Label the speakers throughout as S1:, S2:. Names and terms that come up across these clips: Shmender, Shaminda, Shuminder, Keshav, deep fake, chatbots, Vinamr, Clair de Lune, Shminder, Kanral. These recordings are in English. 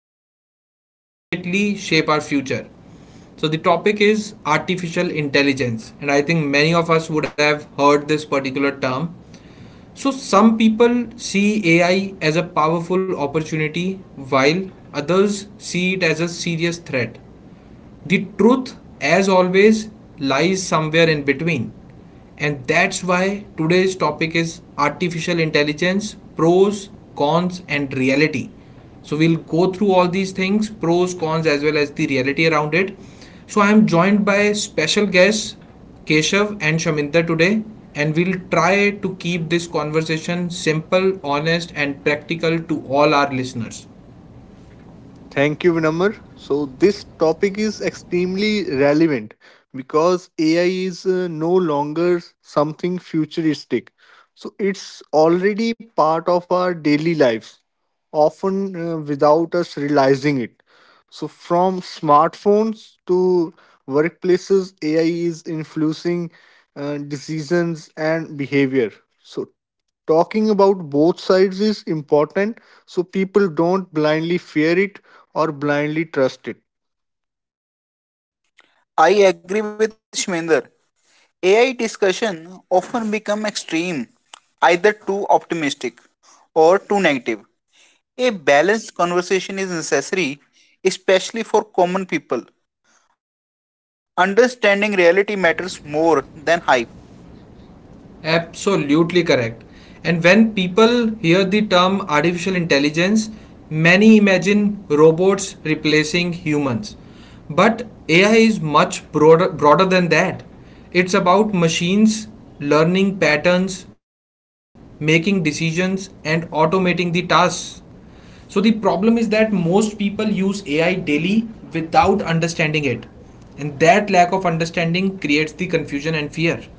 S1: and will definitely shape our future. So, the topic is artificial intelligence, and I think many of us would have heard this particular term. So, some people see AI as a powerful opportunity while others see it as a serious threat. The truth, as always, lies somewhere in between. And that's why today's topic is artificial intelligence pros, cons, and reality. So we'll go through all these things pros, cons, as well as the reality around it. So I am joined by special guests Keshav and Shaminda today, and we'll try to keep this conversation simple, honest, and practical to all our listeners.
S2: Thank you, Vinamr. So, this topic is extremely relevant because AI is no longer something futuristic. So, it's already part of our daily lives, often without us realizing it. So, from smartphones to workplaces, AI is influencing decisions and behavior. So, talking about both sides is important so people don't blindly fear it or blindly trust it.
S3: I agree with Shmender. AI discussion often become extreme, either too optimistic or too negative. A balanced conversation is necessary, especially for common people. Understanding reality matters more than hype.
S1: Absolutely correct. And when people hear the term artificial intelligence, many imagine robots replacing humans. But AI is much broader than that. It's about machines learning patterns, making decisions, and automating the tasks. So the problem is that most people use AI daily without understanding it. And that lack of understanding creates the confusion and fear.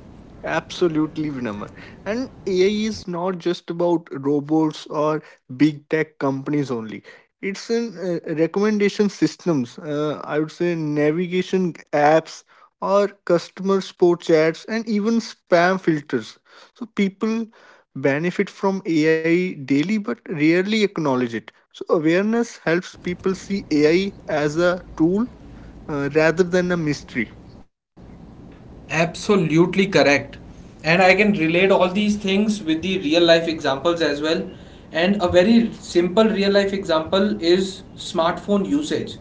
S2: Absolutely, Vinamr. And AI is not just about robots or big tech companies only. It's in recommendation systems, I would say navigation apps or customer support chats and even spam filters. So people benefit from AI daily but rarely acknowledge it. So awareness helps people see AI as a tool rather than a mystery.
S1: Absolutely correct. And I can relate all these things with the real life examples as well. And a very simple real life example is smartphone usage.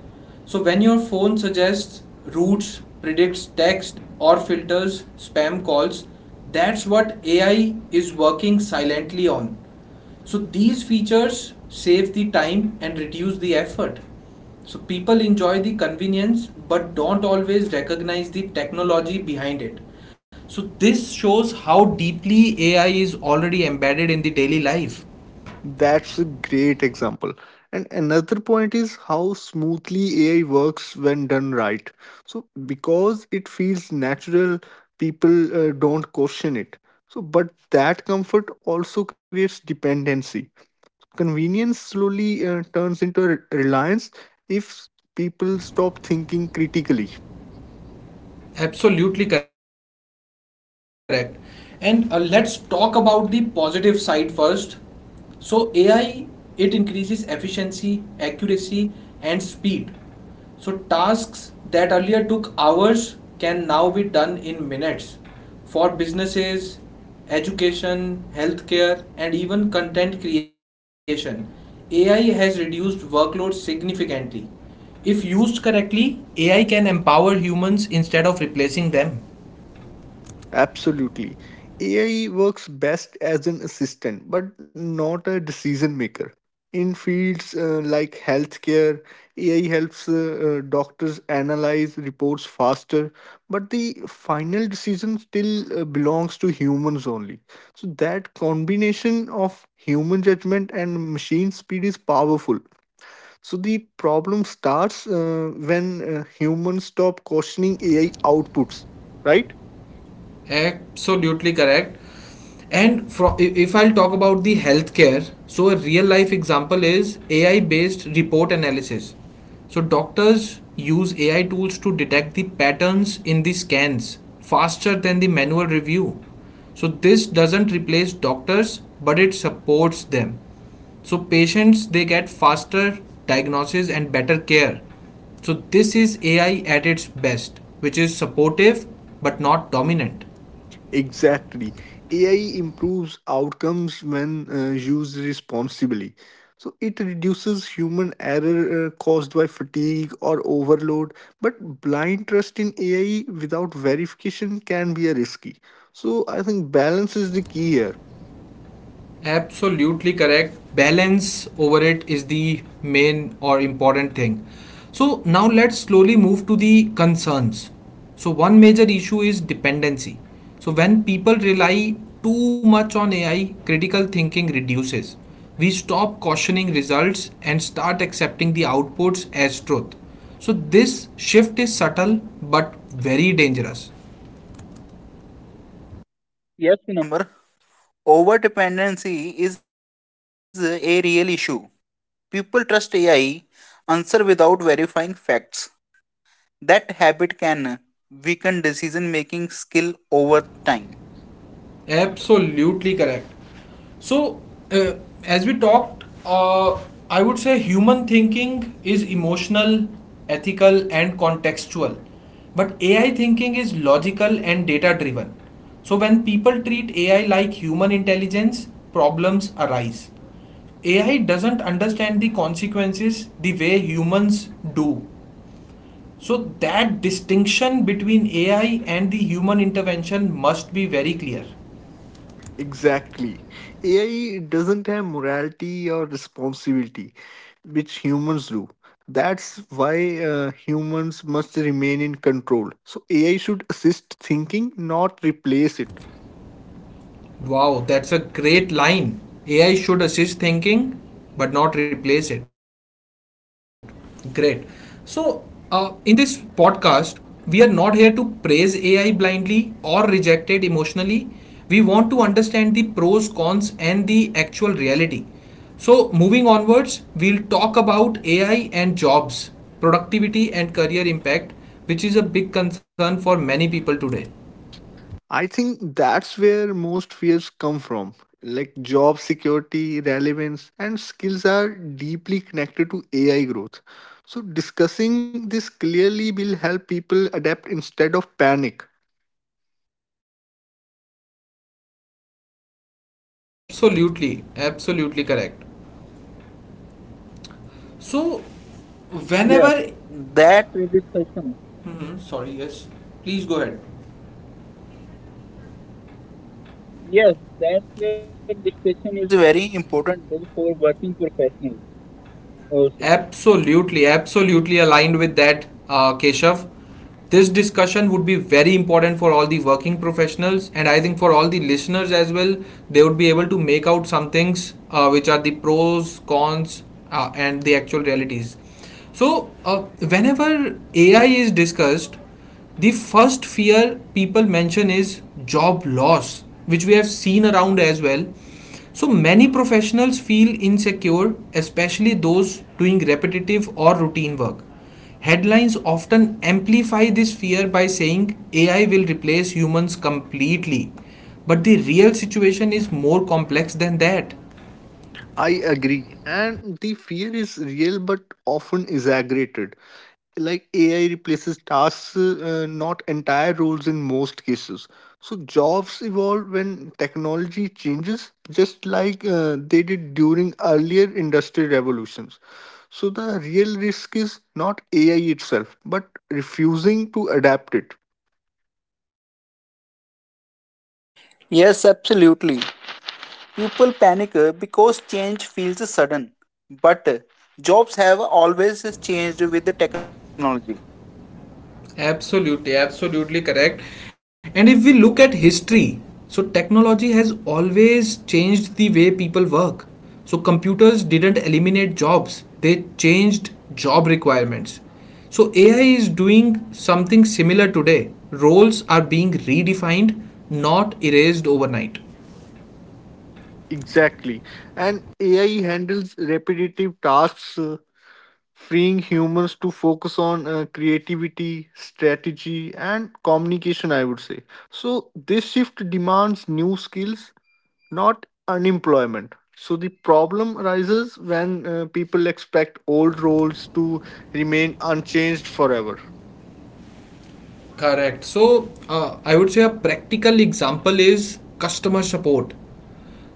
S1: So, when your phone suggests routes, predicts text, or filters spam calls, that's what AI is working silently on. So these features save the time and reduce the effort. So people enjoy the convenience but don't always recognize the technology behind it. So this shows how deeply AI is already embedded in the daily life.
S2: That's a great example. And another point is how smoothly AI works when done right. So, because it feels natural, people don't question it. So, but that comfort also creates dependency. Convenience slowly turns into reliance if people stop thinking critically.
S1: Absolutely correct. And let's talk about the positive side first. So AI it increases efficiency, accuracy and speed. So tasks that earlier took hours can now be done in minutes for businesses, education, healthcare and even content creation. AI has reduced workloads significantly. If used correctly, AI can empower humans instead of replacing them.
S2: Absolutely. AI works best as an assistant, but not a decision maker. In fields like healthcare, AI helps doctors analyze reports faster, but the final decision still belongs to humans only. So, that combination of human judgment and machine speed is powerful. So, the problem starts when humans stop questioning AI outputs, right?
S1: Absolutely correct. And if I'll talk about the healthcare, so a real life example is AI based report analysis. So doctors use AI tools to detect the patterns in the scans faster than the manual review. So this doesn't replace doctors, but it supports them. So patients they get faster diagnosis and better care. So this is AI at its best, which is supportive but not dominant.
S2: Exactly. AI improves outcomes when used responsibly. So it reduces human error caused by fatigue or overload, but blind trust in AI without verification can be a risky. So I think balance is the key here.
S1: Absolutely correct. Balance over it is the main or important thing. So now let's slowly move to the concerns. So one major issue is dependency. So when people rely too much on AI, critical thinking reduces. We stop cautioning results and start accepting the outputs as truth. So this shift is subtle but very dangerous.
S3: Yes, number. Over dependency is a real issue. People trust AI answer without verifying facts. That habit can weaken decision making skill over time.
S1: Absolutely correct. So, uh, as we talked, I would say human thinking is emotional, ethical, and contextual. But AI thinking is logical and data driven. So, when people treat AI like human intelligence, problems arise. AI doesn't understand the consequences the way humans do. So, that distinction between AI and the human intervention must be very clear.
S2: Exactly. AI doesn't have morality or responsibility, which humans do. That's why humans must remain in control. So AI should assist thinking, not replace it.
S1: Wow, that's a great line. AI should assist thinking but not replace it. Great. So, in this podcast, we are not here to praise AI blindly or reject it emotionally. We want to understand the pros, cons, and the actual reality. So, moving onwards, we'll talk about AI and jobs, productivity, and career impact, which is a big concern for many people today.
S2: I think that's where most fears come from. Like job security, relevance, and skills are deeply connected to AI growth. So, discussing this clearly will help people adapt instead of panic.
S1: Absolutely, absolutely correct. So,
S3: Yes,
S1: whenever.
S3: that trade discussion.
S1: Hmm, sorry, yes. Please go ahead.
S3: Yes, that trade discussion is a very important tool for working professionals also.
S1: Absolutely, absolutely aligned with that, Keshav. This discussion would be very important for all the working professionals, and I think for all the listeners as well. They would be able to make out some things, which are the pros, cons, and the actual realities. So, whenever AI is discussed, the first fear people mention is job loss, which we have seen around as well. So many professionals feel insecure, especially those doing repetitive or routine work. Headlines often amplify this fear by saying AI will replace humans completely. But the real situation is more complex than that.
S2: I agree. And the fear is real but often exaggerated. Like AI replaces tasks, not entire roles in most cases. So jobs evolve when technology changes, just like they did during earlier industrial revolutions. So the real risk is not AI itself, but refusing to adapt it.
S3: Yes, absolutely. People panic because change feels sudden. But jobs have always changed with the technology.
S1: Absolutely, absolutely correct. And if we look at history, so technology has always changed the way people work. So computers didn't eliminate jobs, they changed job requirements. So AI is doing something similar today. Roles are being redefined, not erased overnight.
S2: Exactly. And AI handles repetitive tasks, freeing humans to focus on creativity, strategy, and communication, I would say. So, this shift demands new skills, not unemployment. So, the problem arises when people expect old roles to remain unchanged forever.
S1: Correct. So I would say a practical example is customer support.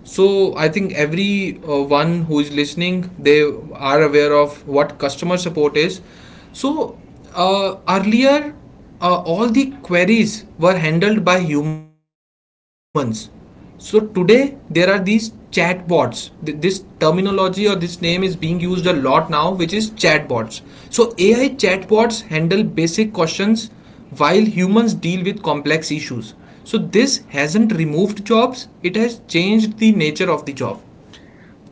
S1: So I think every one who is listening, they are aware of what customer support is. So earlier, all the queries were handled by humans. So today there are these chatbots. This terminology or this name is being used a lot now, which is chatbots. So AI chatbots handle basic questions while humans deal with complex issues. So, this hasn't removed jobs, it has changed the nature of the job.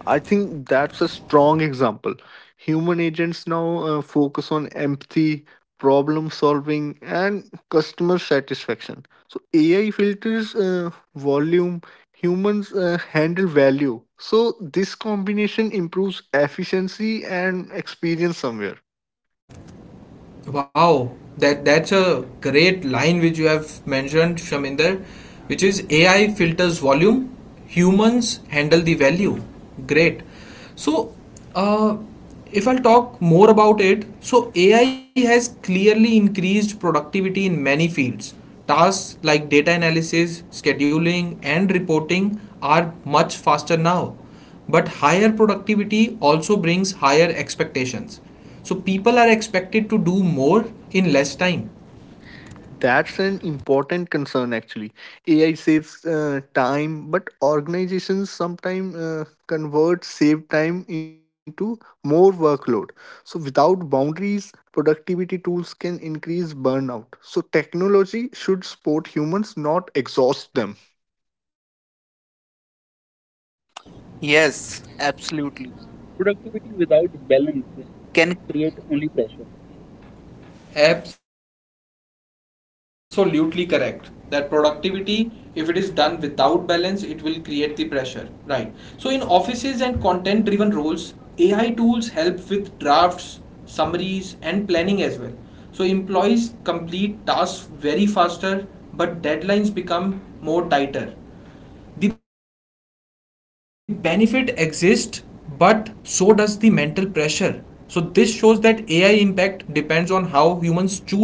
S2: I think that's a strong example. Human agents now focus on empathy, problem solving, and customer satisfaction. So AI filters volume, humans handle value. So this combination improves efficiency and experience somewhere.
S1: Wow, that's a great line which you have mentioned, Shaminder, which is AI filters volume, humans handle the value. Great. So, uh, if I'll talk more about it, so AI has clearly increased productivity in many fields. Tasks like data analysis, scheduling, and reporting are much faster now, but higher productivity also brings higher expectations. So people are expected to do more in less time.
S2: That's an important concern actually. AI saves time, but organizations sometimes convert saved time into more workload. So, without boundaries, productivity tools can increase burnout. So, technology should support humans, not exhaust them.
S3: Yes, absolutely. Productivity without balance can create only pressure.
S1: Absolutely correct, that productivity, if it is done without balance, it will create the pressure, right? So in offices and content driven roles, AI tools help with drafts, summaries and planning as well. So employees complete tasks very faster, but deadlines become more tighter. The benefit exists, but so does the mental pressure. So this shows that AI impact depends on how humans choose to use it.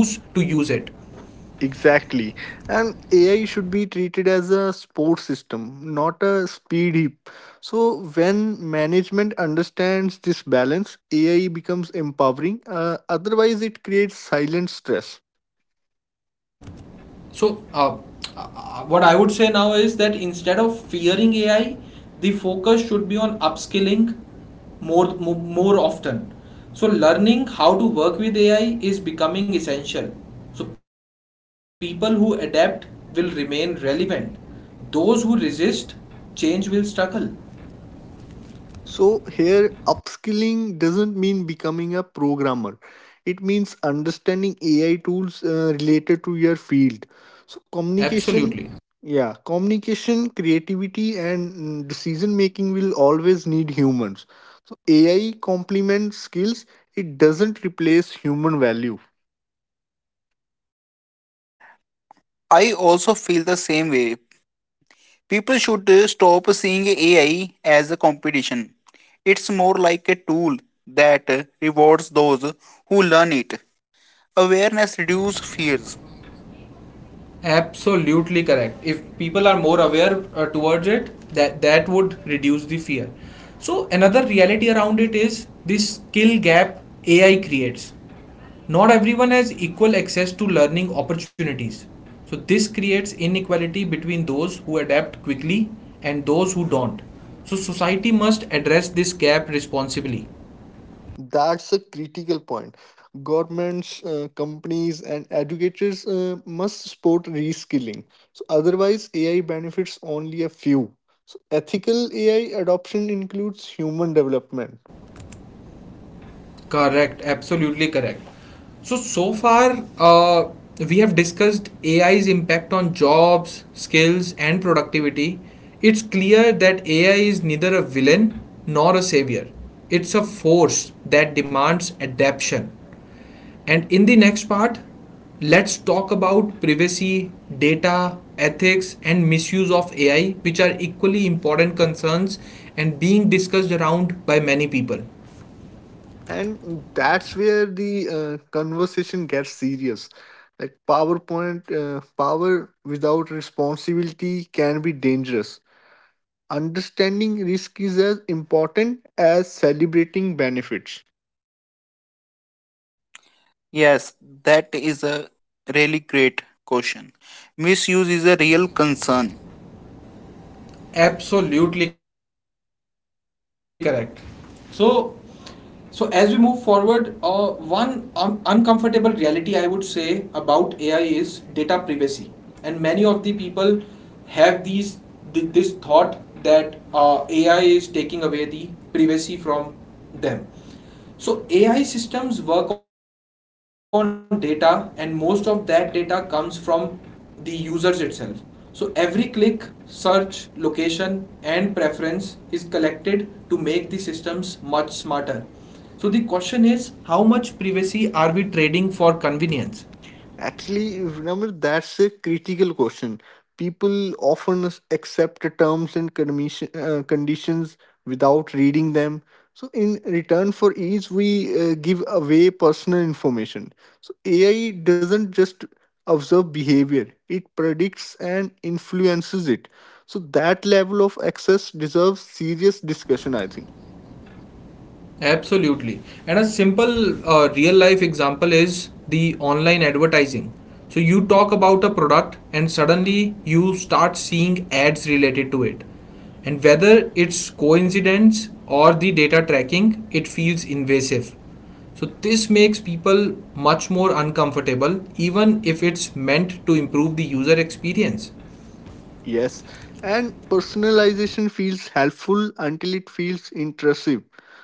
S2: Exactly. And AI should be treated as a support system, not a speed heap. So, when management understands this balance, AI becomes empowering. Otherwise, it creates silent stress.
S1: So what I would say now is that instead of fearing AI, the focus should be on upskilling more more often. So learning how to work with AI is becoming essential. So people who adapt will remain relevant. Those who resist change will struggle.
S2: So here upskilling doesn't mean becoming a programmer. It means understanding AI tools related to your field. So communication,
S1: Absolutely.
S2: yeah, communication, creativity and decision making will always need humans. So AI complements skills, it doesn't replace human value.
S3: I also feel the same way. People should stop seeing AI as a competition. It's more like a tool that rewards those who learn it. Awareness reduces fears.
S1: Absolutely correct. If people are more aware towards it, that would reduce the fear. So another reality around it is this skill gap AI creates. Not everyone has equal access to learning opportunities. So this creates inequality between those who adapt quickly and those who don't. So society must address this gap responsibly.
S2: That's a critical point. Governments, companies, and educators must support reskilling. So otherwise, AI benefits only a few. So ethical AI adoption includes human development,
S1: Correct, absolutely correct. So, so far, we have discussed AI's impact on jobs, skills, and productivity. It's clear that AI is neither a villain nor a savior, it's a force that demands adaptation. And in the next part, let's talk about privacy, data, ethics, and misuse of AI, which are equally important concerns and being discussed around by many people.
S2: and that's where the conversation gets serious. Like PowerPoint, power without responsibility can be dangerous. Understanding risk is as important as celebrating benefits.
S3: Yes, that is a really great question. Misuse is a real concern.
S1: Absolutely correct. So, as we move forward, one uncomfortable reality I would say about AI is data privacy, and many of the people have this thought that AI is taking away the privacy from them. So AI systems work on data, and most of that data comes from the users itself. So every click, search, location, and preference is collected to make the systems much smarter. So the question is, how much privacy are we trading for convenience?
S2: Actually, remember that's a critical question. People often accept the terms and condition, conditions without reading them. So, in return for ease, we give away personal information. So, AI doesn't just observe behavior, it predicts and influences it. So, that level of access deserves serious discussion, I think.
S1: Absolutely. And a simple real life example is the online advertising. So you talk about a product and suddenly you start seeing ads related to it. And whether it's coincidence or the data tracking, it feels invasive. So this makes people much more uncomfortable even if it's meant to improve the user experience.
S2: Yes, and personalization feels helpful until it feels intrusive.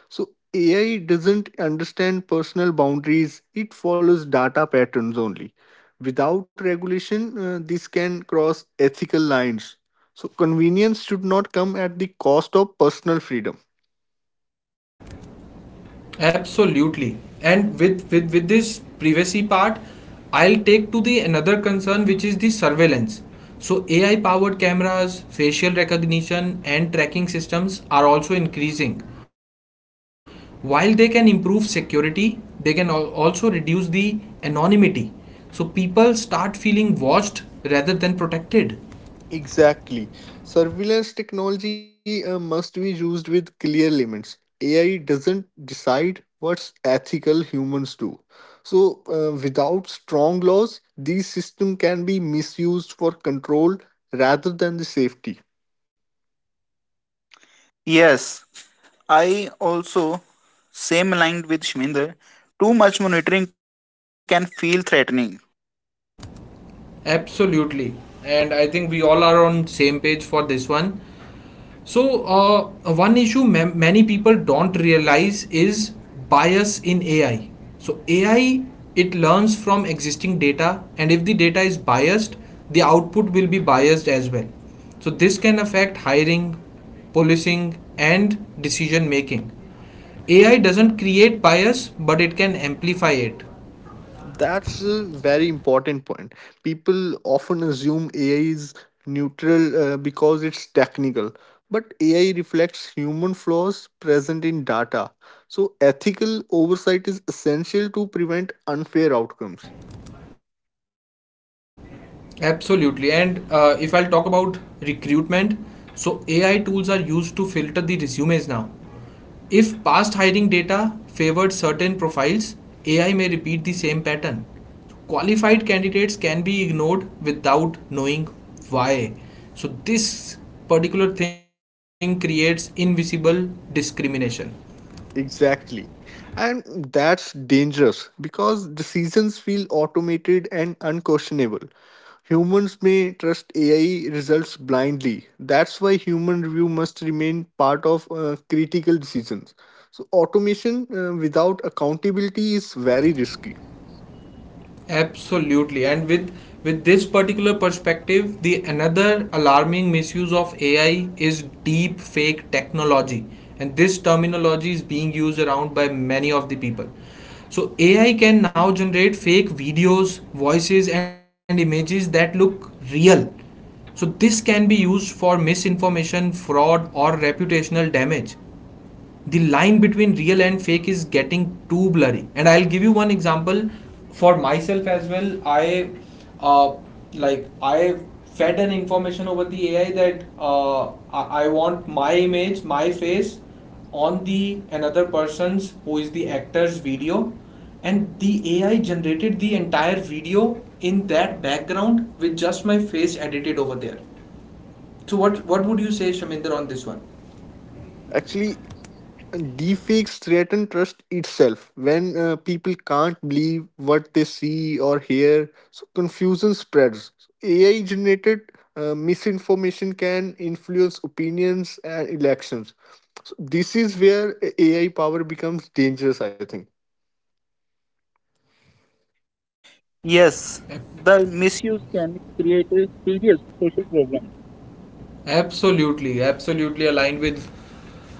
S2: So, AI doesn't understand personal boundaries, it follows data patterns only. Without regulation, this can cross ethical lines. So, convenience should not come at the cost of personal freedom.
S1: Absolutely. And with this privacy part, I'll take to the another concern which is the surveillance. So AI powered cameras, facial recognition and tracking systems are also increasing. While they can improve security, they can also reduce the anonymity. So people start feeling watched rather than protected.
S2: Exactly. Surveillance technology must be used with clear limits. AI doesn't decide what's ethical, humans do. So, without strong laws, these systems can be misused for control rather than the safety.
S3: Yes, I also same aligned with Shminder. Too much monitoring can feel threatening.
S1: Absolutely. And I think we all are on same page for this one. So, one issue many people don't realize is bias in AI. So, AI it learns from existing data, and if the data is biased, the output will be biased as well. So, this can affect hiring, policing, and decision making. AI doesn't create bias, but it can amplify it.
S2: That's a very important point. People often assume AI is neutral because it's technical, but AI reflects human flaws present in data. So, ethical oversight is essential to prevent unfair outcomes.
S1: Absolutely. And if I'll talk about recruitment, so AI tools are used to filter the resumes now. If past hiring data favored certain profiles, AI may repeat the same pattern. Qualified candidates can be ignored without knowing why. So, this particular thing creates invisible discrimination.
S2: Exactly. And that's dangerous because decisions feel automated and unquestionable. Humans may trust AI results blindly. That's why human review must remain part of critical decisions. So, automation without accountability is very risky.
S1: Absolutely. And with this particular perspective, the another alarming misuse of AI is deep fake technology. And this terminology is being used around by many of the people. So AI can now generate fake videos, voices and images that look real. So this can be used for misinformation, fraud or reputational damage. The line between real and fake is getting too blurry, and I'll give you one example. For myself as well, I uh, I fed an information over the ai that I want my image, my face on the another person's, who is the actor's, video. And the ai generated the entire video in that background with just my face edited over there. So what would you say, Shaminder, on this one?
S2: Actually, deepfakes threaten trust itself when people can't believe what they see or hear, so confusion spreads. AI generated misinformation can influence opinions and elections. So this is where AI power becomes dangerous, I think.
S3: Yes, the misuse can create a serious social problems.
S1: Absolutely, absolutely aligned with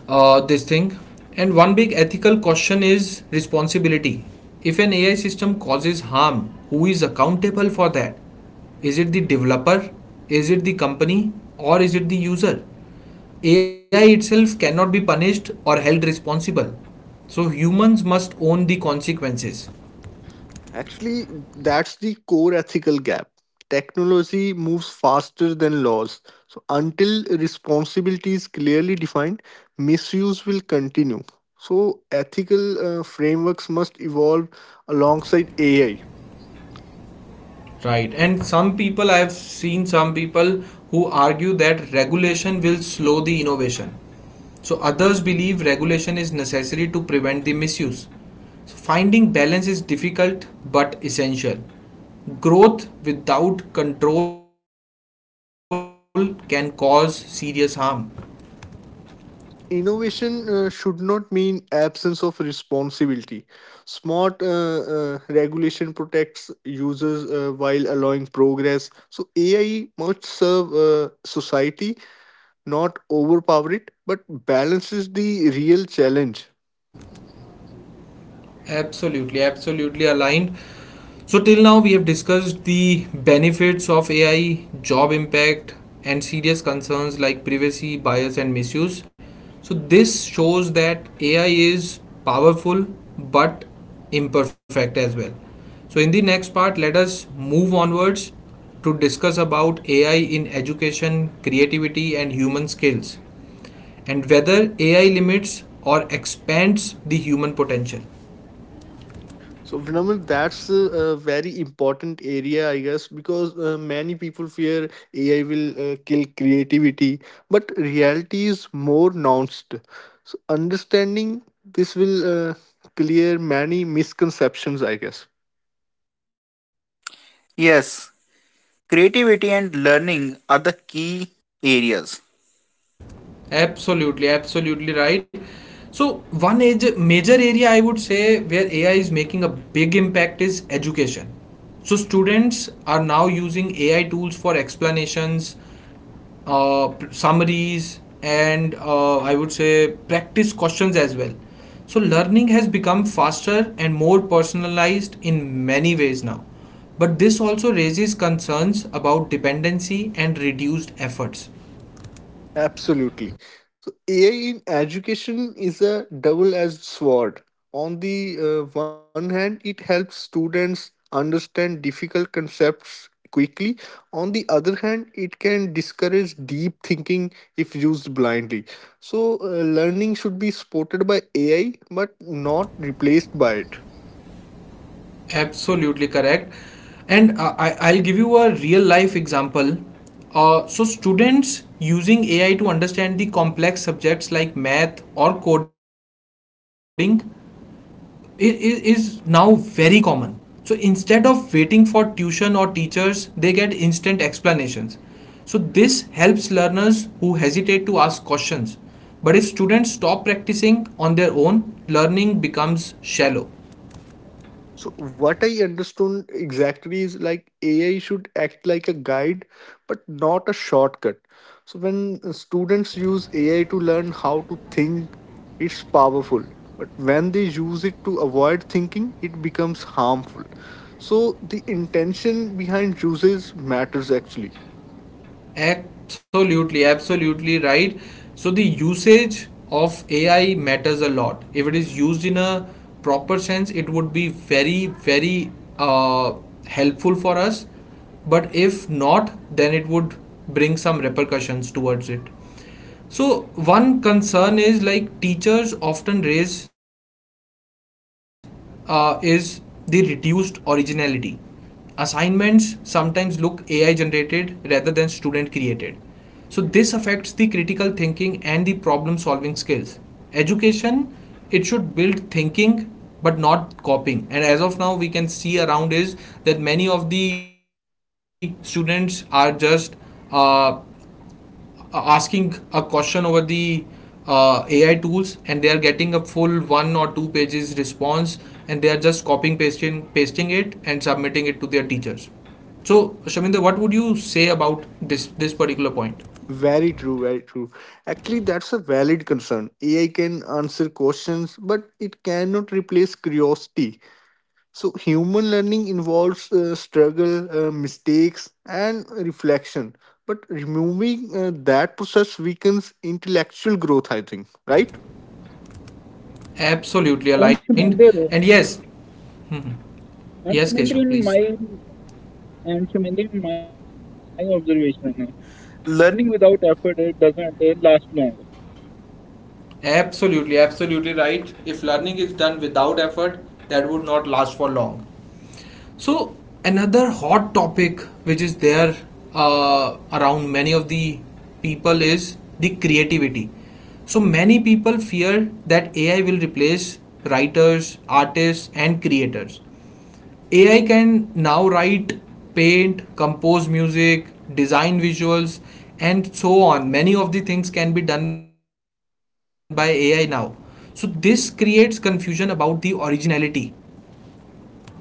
S1: this thing. And one big ethical question is responsibility. If an AI system causes harm, who is accountable for that? Is it the developer? Is it the company? Or is it the user? AI itself cannot be punished or held responsible. So humans must own the consequences.
S2: Actually, that's the core ethical gap. Technology moves faster than laws. So, until responsibility is clearly defined, misuse will continue. So, ethical frameworks must evolve alongside AI.
S1: Right. And some people, I have seen some people who argue that regulation will slow the innovation. So others believe regulation is necessary to prevent the misuse. So finding balance is difficult but essential. Growth without control can cause serious harm.
S2: Innovation should not mean absence of responsibility. Smart regulation protects users while allowing progress. So, AI must serve society, not overpower it, but balance is the real challenge.
S1: Absolutely, absolutely aligned. So, till now, we have discussed the benefits of AI, job impact, and serious concerns like privacy, bias, and misuse. So, this shows that AI is powerful but imperfect as well. So, in the next part, let us move onwards to discuss about AI in education, creativity, and human skills, and whether AI limits or expands the human potential.
S2: So, Vinaman, that's a very important area, I guess, because many people fear AI will kill creativity, but reality is more nuanced. So, understanding this will clear many misconceptions, I guess.
S3: Yes, creativity and learning are the key areas.
S1: Absolutely, absolutely right. So one age, major area I would say where AI is making a big impact is education. So students are now using AI tools for explanations, summaries, and I would say practice questions as well. So learning has become faster and more personalized in many ways now. But this also raises concerns about dependency and reduced efforts.
S2: Absolutely. So AI in education is a double-edged sword. On the one hand, it helps students understand difficult concepts quickly. On the other hand, it can discourage deep thinking if used blindly. So learning should be supported by AI, but not replaced by it.
S1: Absolutely correct. And I'll give you a real life example. So, students using AI to understand the complex subjects like math or coding is now very common. So, instead of waiting for tuition or teachers, they get instant explanations. So, this helps learners who hesitate to ask questions. But if students stop practicing on their own, learning becomes shallow.
S2: So what I understood exactly is like AI should act like a guide, but not a shortcut. So when students use AI to learn how to think, it's powerful. But when they use it to avoid thinking, it becomes harmful. So the intention behind uses matters actually.
S1: Absolutely, absolutely right. So the usage of AI matters a lot. If it is used in a proper sense, it would be very, very uh, helpful for us. But if not, then it would bring some repercussions towards it. So one concern is like teachers often raise is the reduced originality. Assignments sometimes look AI generated rather than student created. So this affects the critical thinking and the problem solving skills. Education, it should build thinking but not copying. And as of now we can see around is that many of the students are just uh, asking a question over the AI tools, and they are getting a full one or two pages response, and they are just copying pasting it and submitting it to their teachers. So Shaminda, what would you say about this particular point?
S2: Very true, very true. Actually, that's a valid concern. AI can answer questions, but it cannot replace curiosity. So, human learning involves struggle, mistakes, and reflection. But removing that process weakens intellectual growth, I think, right?
S1: Absolutely
S3: And
S1: aligned. And
S3: Shuminder,
S1: yes, yes,
S3: and
S1: Keshav,
S3: Shuminder
S1: please.
S3: in my and Shuminder in my observation, learning without effort doesn't last long.
S1: Absolutely, absolutely right. If learning is done without effort, that would not last for long. So another hot topic which is there around many of the people is the creativity. So many people fear that AI will replace writers, artists, and creators. AI can now write, paint, compose music, design visuals, and so on. Many of the things can be done by AI now. So this creates confusion about the originality.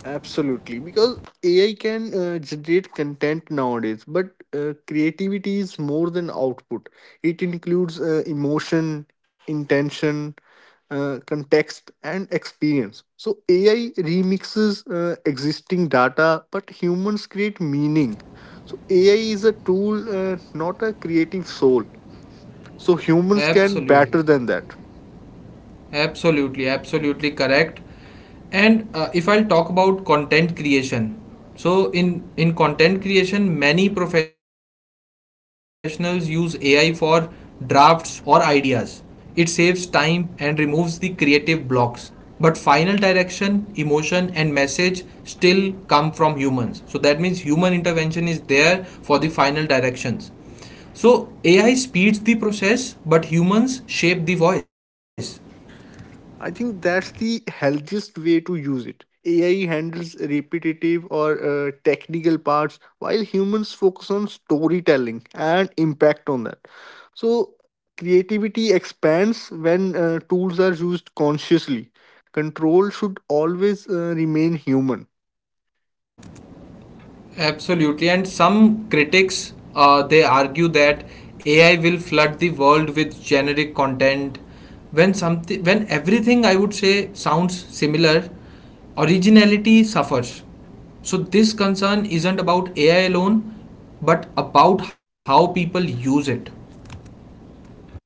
S2: Absolutely, because AI can generate content nowadays, but creativity is more than output. It includes emotion, intention, context, and experience. So AI remixes existing data, but humans create meaning. So AI is a tool, not a creative soul. So humans can
S1: Absolutely.
S2: better than that.
S1: Absolutely, absolutely correct. And if I'll talk about content creation, so in content creation, many professionals use AI for drafts or ideas. It saves time and removes the creative blocks. But final direction, emotion, and message still come from humans. So that means human intervention is there for the final directions. So AI speeds the process, but humans shape the voice.
S2: I think that's the healthiest way to use it. AI handles repetitive or technical parts while humans focus on storytelling and impact on that. So, creativity expands when tools are used consciously. Control should always remain human.
S1: Absolutely, and some critics they argue that AI will flood the world with generic content. When something, when everything I would say sounds similar, originality suffers. So this concern isn't about AI alone, but about how people use it.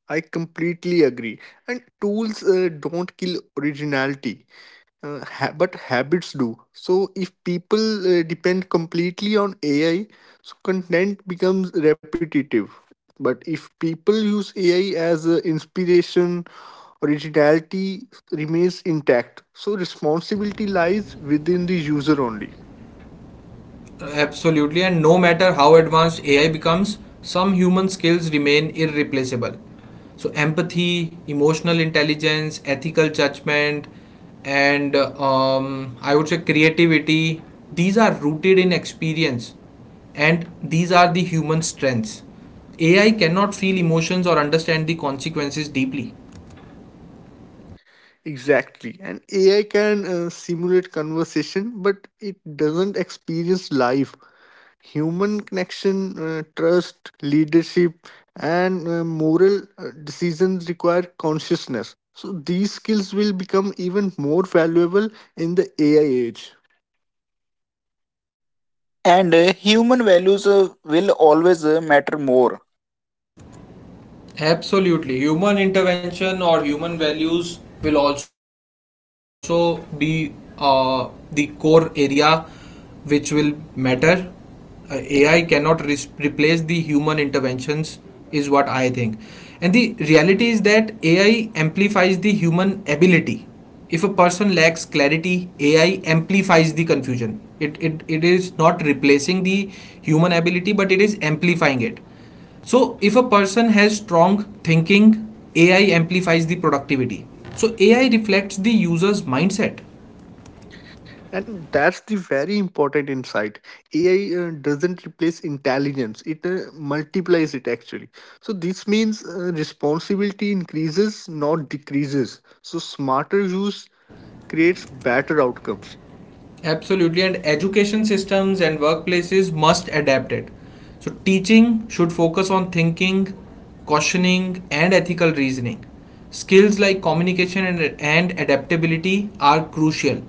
S2: I completely agree. And tools don't kill originality, but habits do. So if people depend completely on AI, so content becomes repetitive. But if people use AI as inspiration, originality remains intact. So responsibility lies within the user only.
S1: Absolutely, and no matter how advanced AI becomes, some human skills remain irreplaceable. So, empathy, emotional intelligence, ethical judgment, and I would say creativity, these are rooted in experience, and these are the human strengths. AI cannot feel emotions or understand the consequences deeply.
S2: Exactly. And AI can simulate conversation, but it doesn't experience life. Human connection, trust, leadership, and moral decisions require consciousness. So these skills will become even more valuable in the AI age.
S3: And human values will always matter more.
S1: Absolutely. Human intervention or human values will also be the core area which will matter. AI cannot replace the human interventions, is what I think. And the reality is that AI amplifies the human ability. If a person lacks clarity, AI amplifies the confusion. It is not replacing the human ability, but it is amplifying it. So, if a person has strong thinking, AI amplifies the productivity. So, AI reflects the user's mindset.
S2: And that's the very important insight. AI doesn't replace intelligence, it multiplies it actually. So, this means responsibility increases, not decreases. So, smarter use creates better outcomes.
S1: Absolutely, and education systems and workplaces must adapt it. So, teaching should focus on thinking, cautioning, and ethical reasoning. Skills like communication and adaptability are crucial.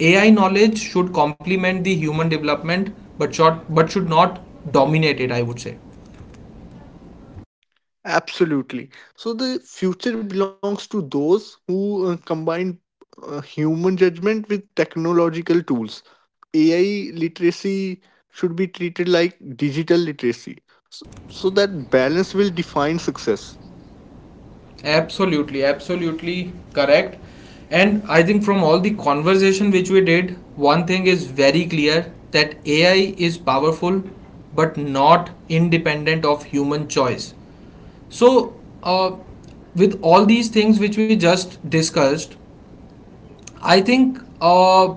S1: AI knowledge should complement the human development but, short, but should not dominate it, I would say.
S2: Absolutely. So the future belongs to those who combine human judgment with technological tools. AI literacy should be treated like digital literacy. So, so that balance will define success.
S1: Absolutely, absolutely correct. And I think from all the conversation which we did, one thing is very clear that AI is powerful but not independent of human choice. So, uh, with all these things which we just discussed, I think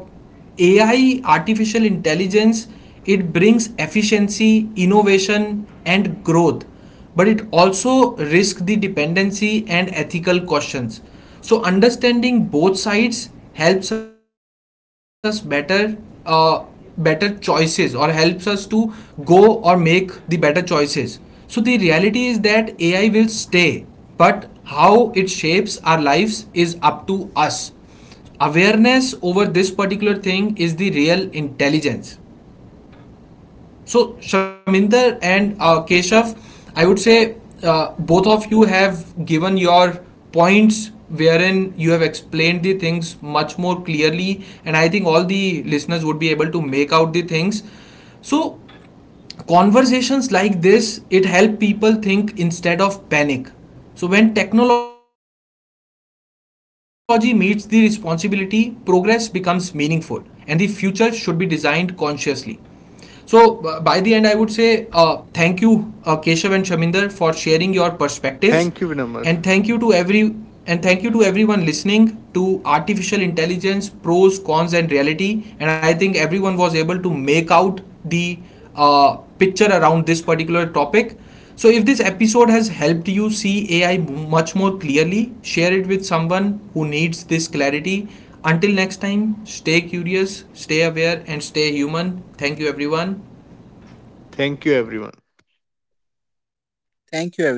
S1: AI, artificial intelligence, it brings efficiency, innovation, and growth, but it also risks the dependency and ethical questions. So understanding both sides helps us uh, better choices, or helps us to go or make the better choices. So the reality is that AI will stay, but how it shapes our lives is up to us. Awareness over this particular thing is the real intelligence. So Shaminder and Keshav, I would say both of you have given your points wherein you have explained the things much more clearly, and I think all the listeners would be able to make out the things. So conversations like this, it help people think instead of panic. So when technology meets the responsibility, progress becomes meaningful, and the future should be designed consciously. So by the end I would say thank you Keshav and Shaminder for sharing your perspectives, and
S2: Thank
S1: thank
S2: you,
S1: you to
S2: Vinamar.
S1: every and thank you to everyone listening to artificial intelligence pros cons and reality. And I think everyone was able to make out the uh, picture around this particular topic. So if this episode has helped you see AI much more clearly, share it with someone who needs this clarity. Until next time, stay curious, stay aware, and stay human. Thank you everyone.
S2: Thank you, everyone.
S3: Thank you, everyone.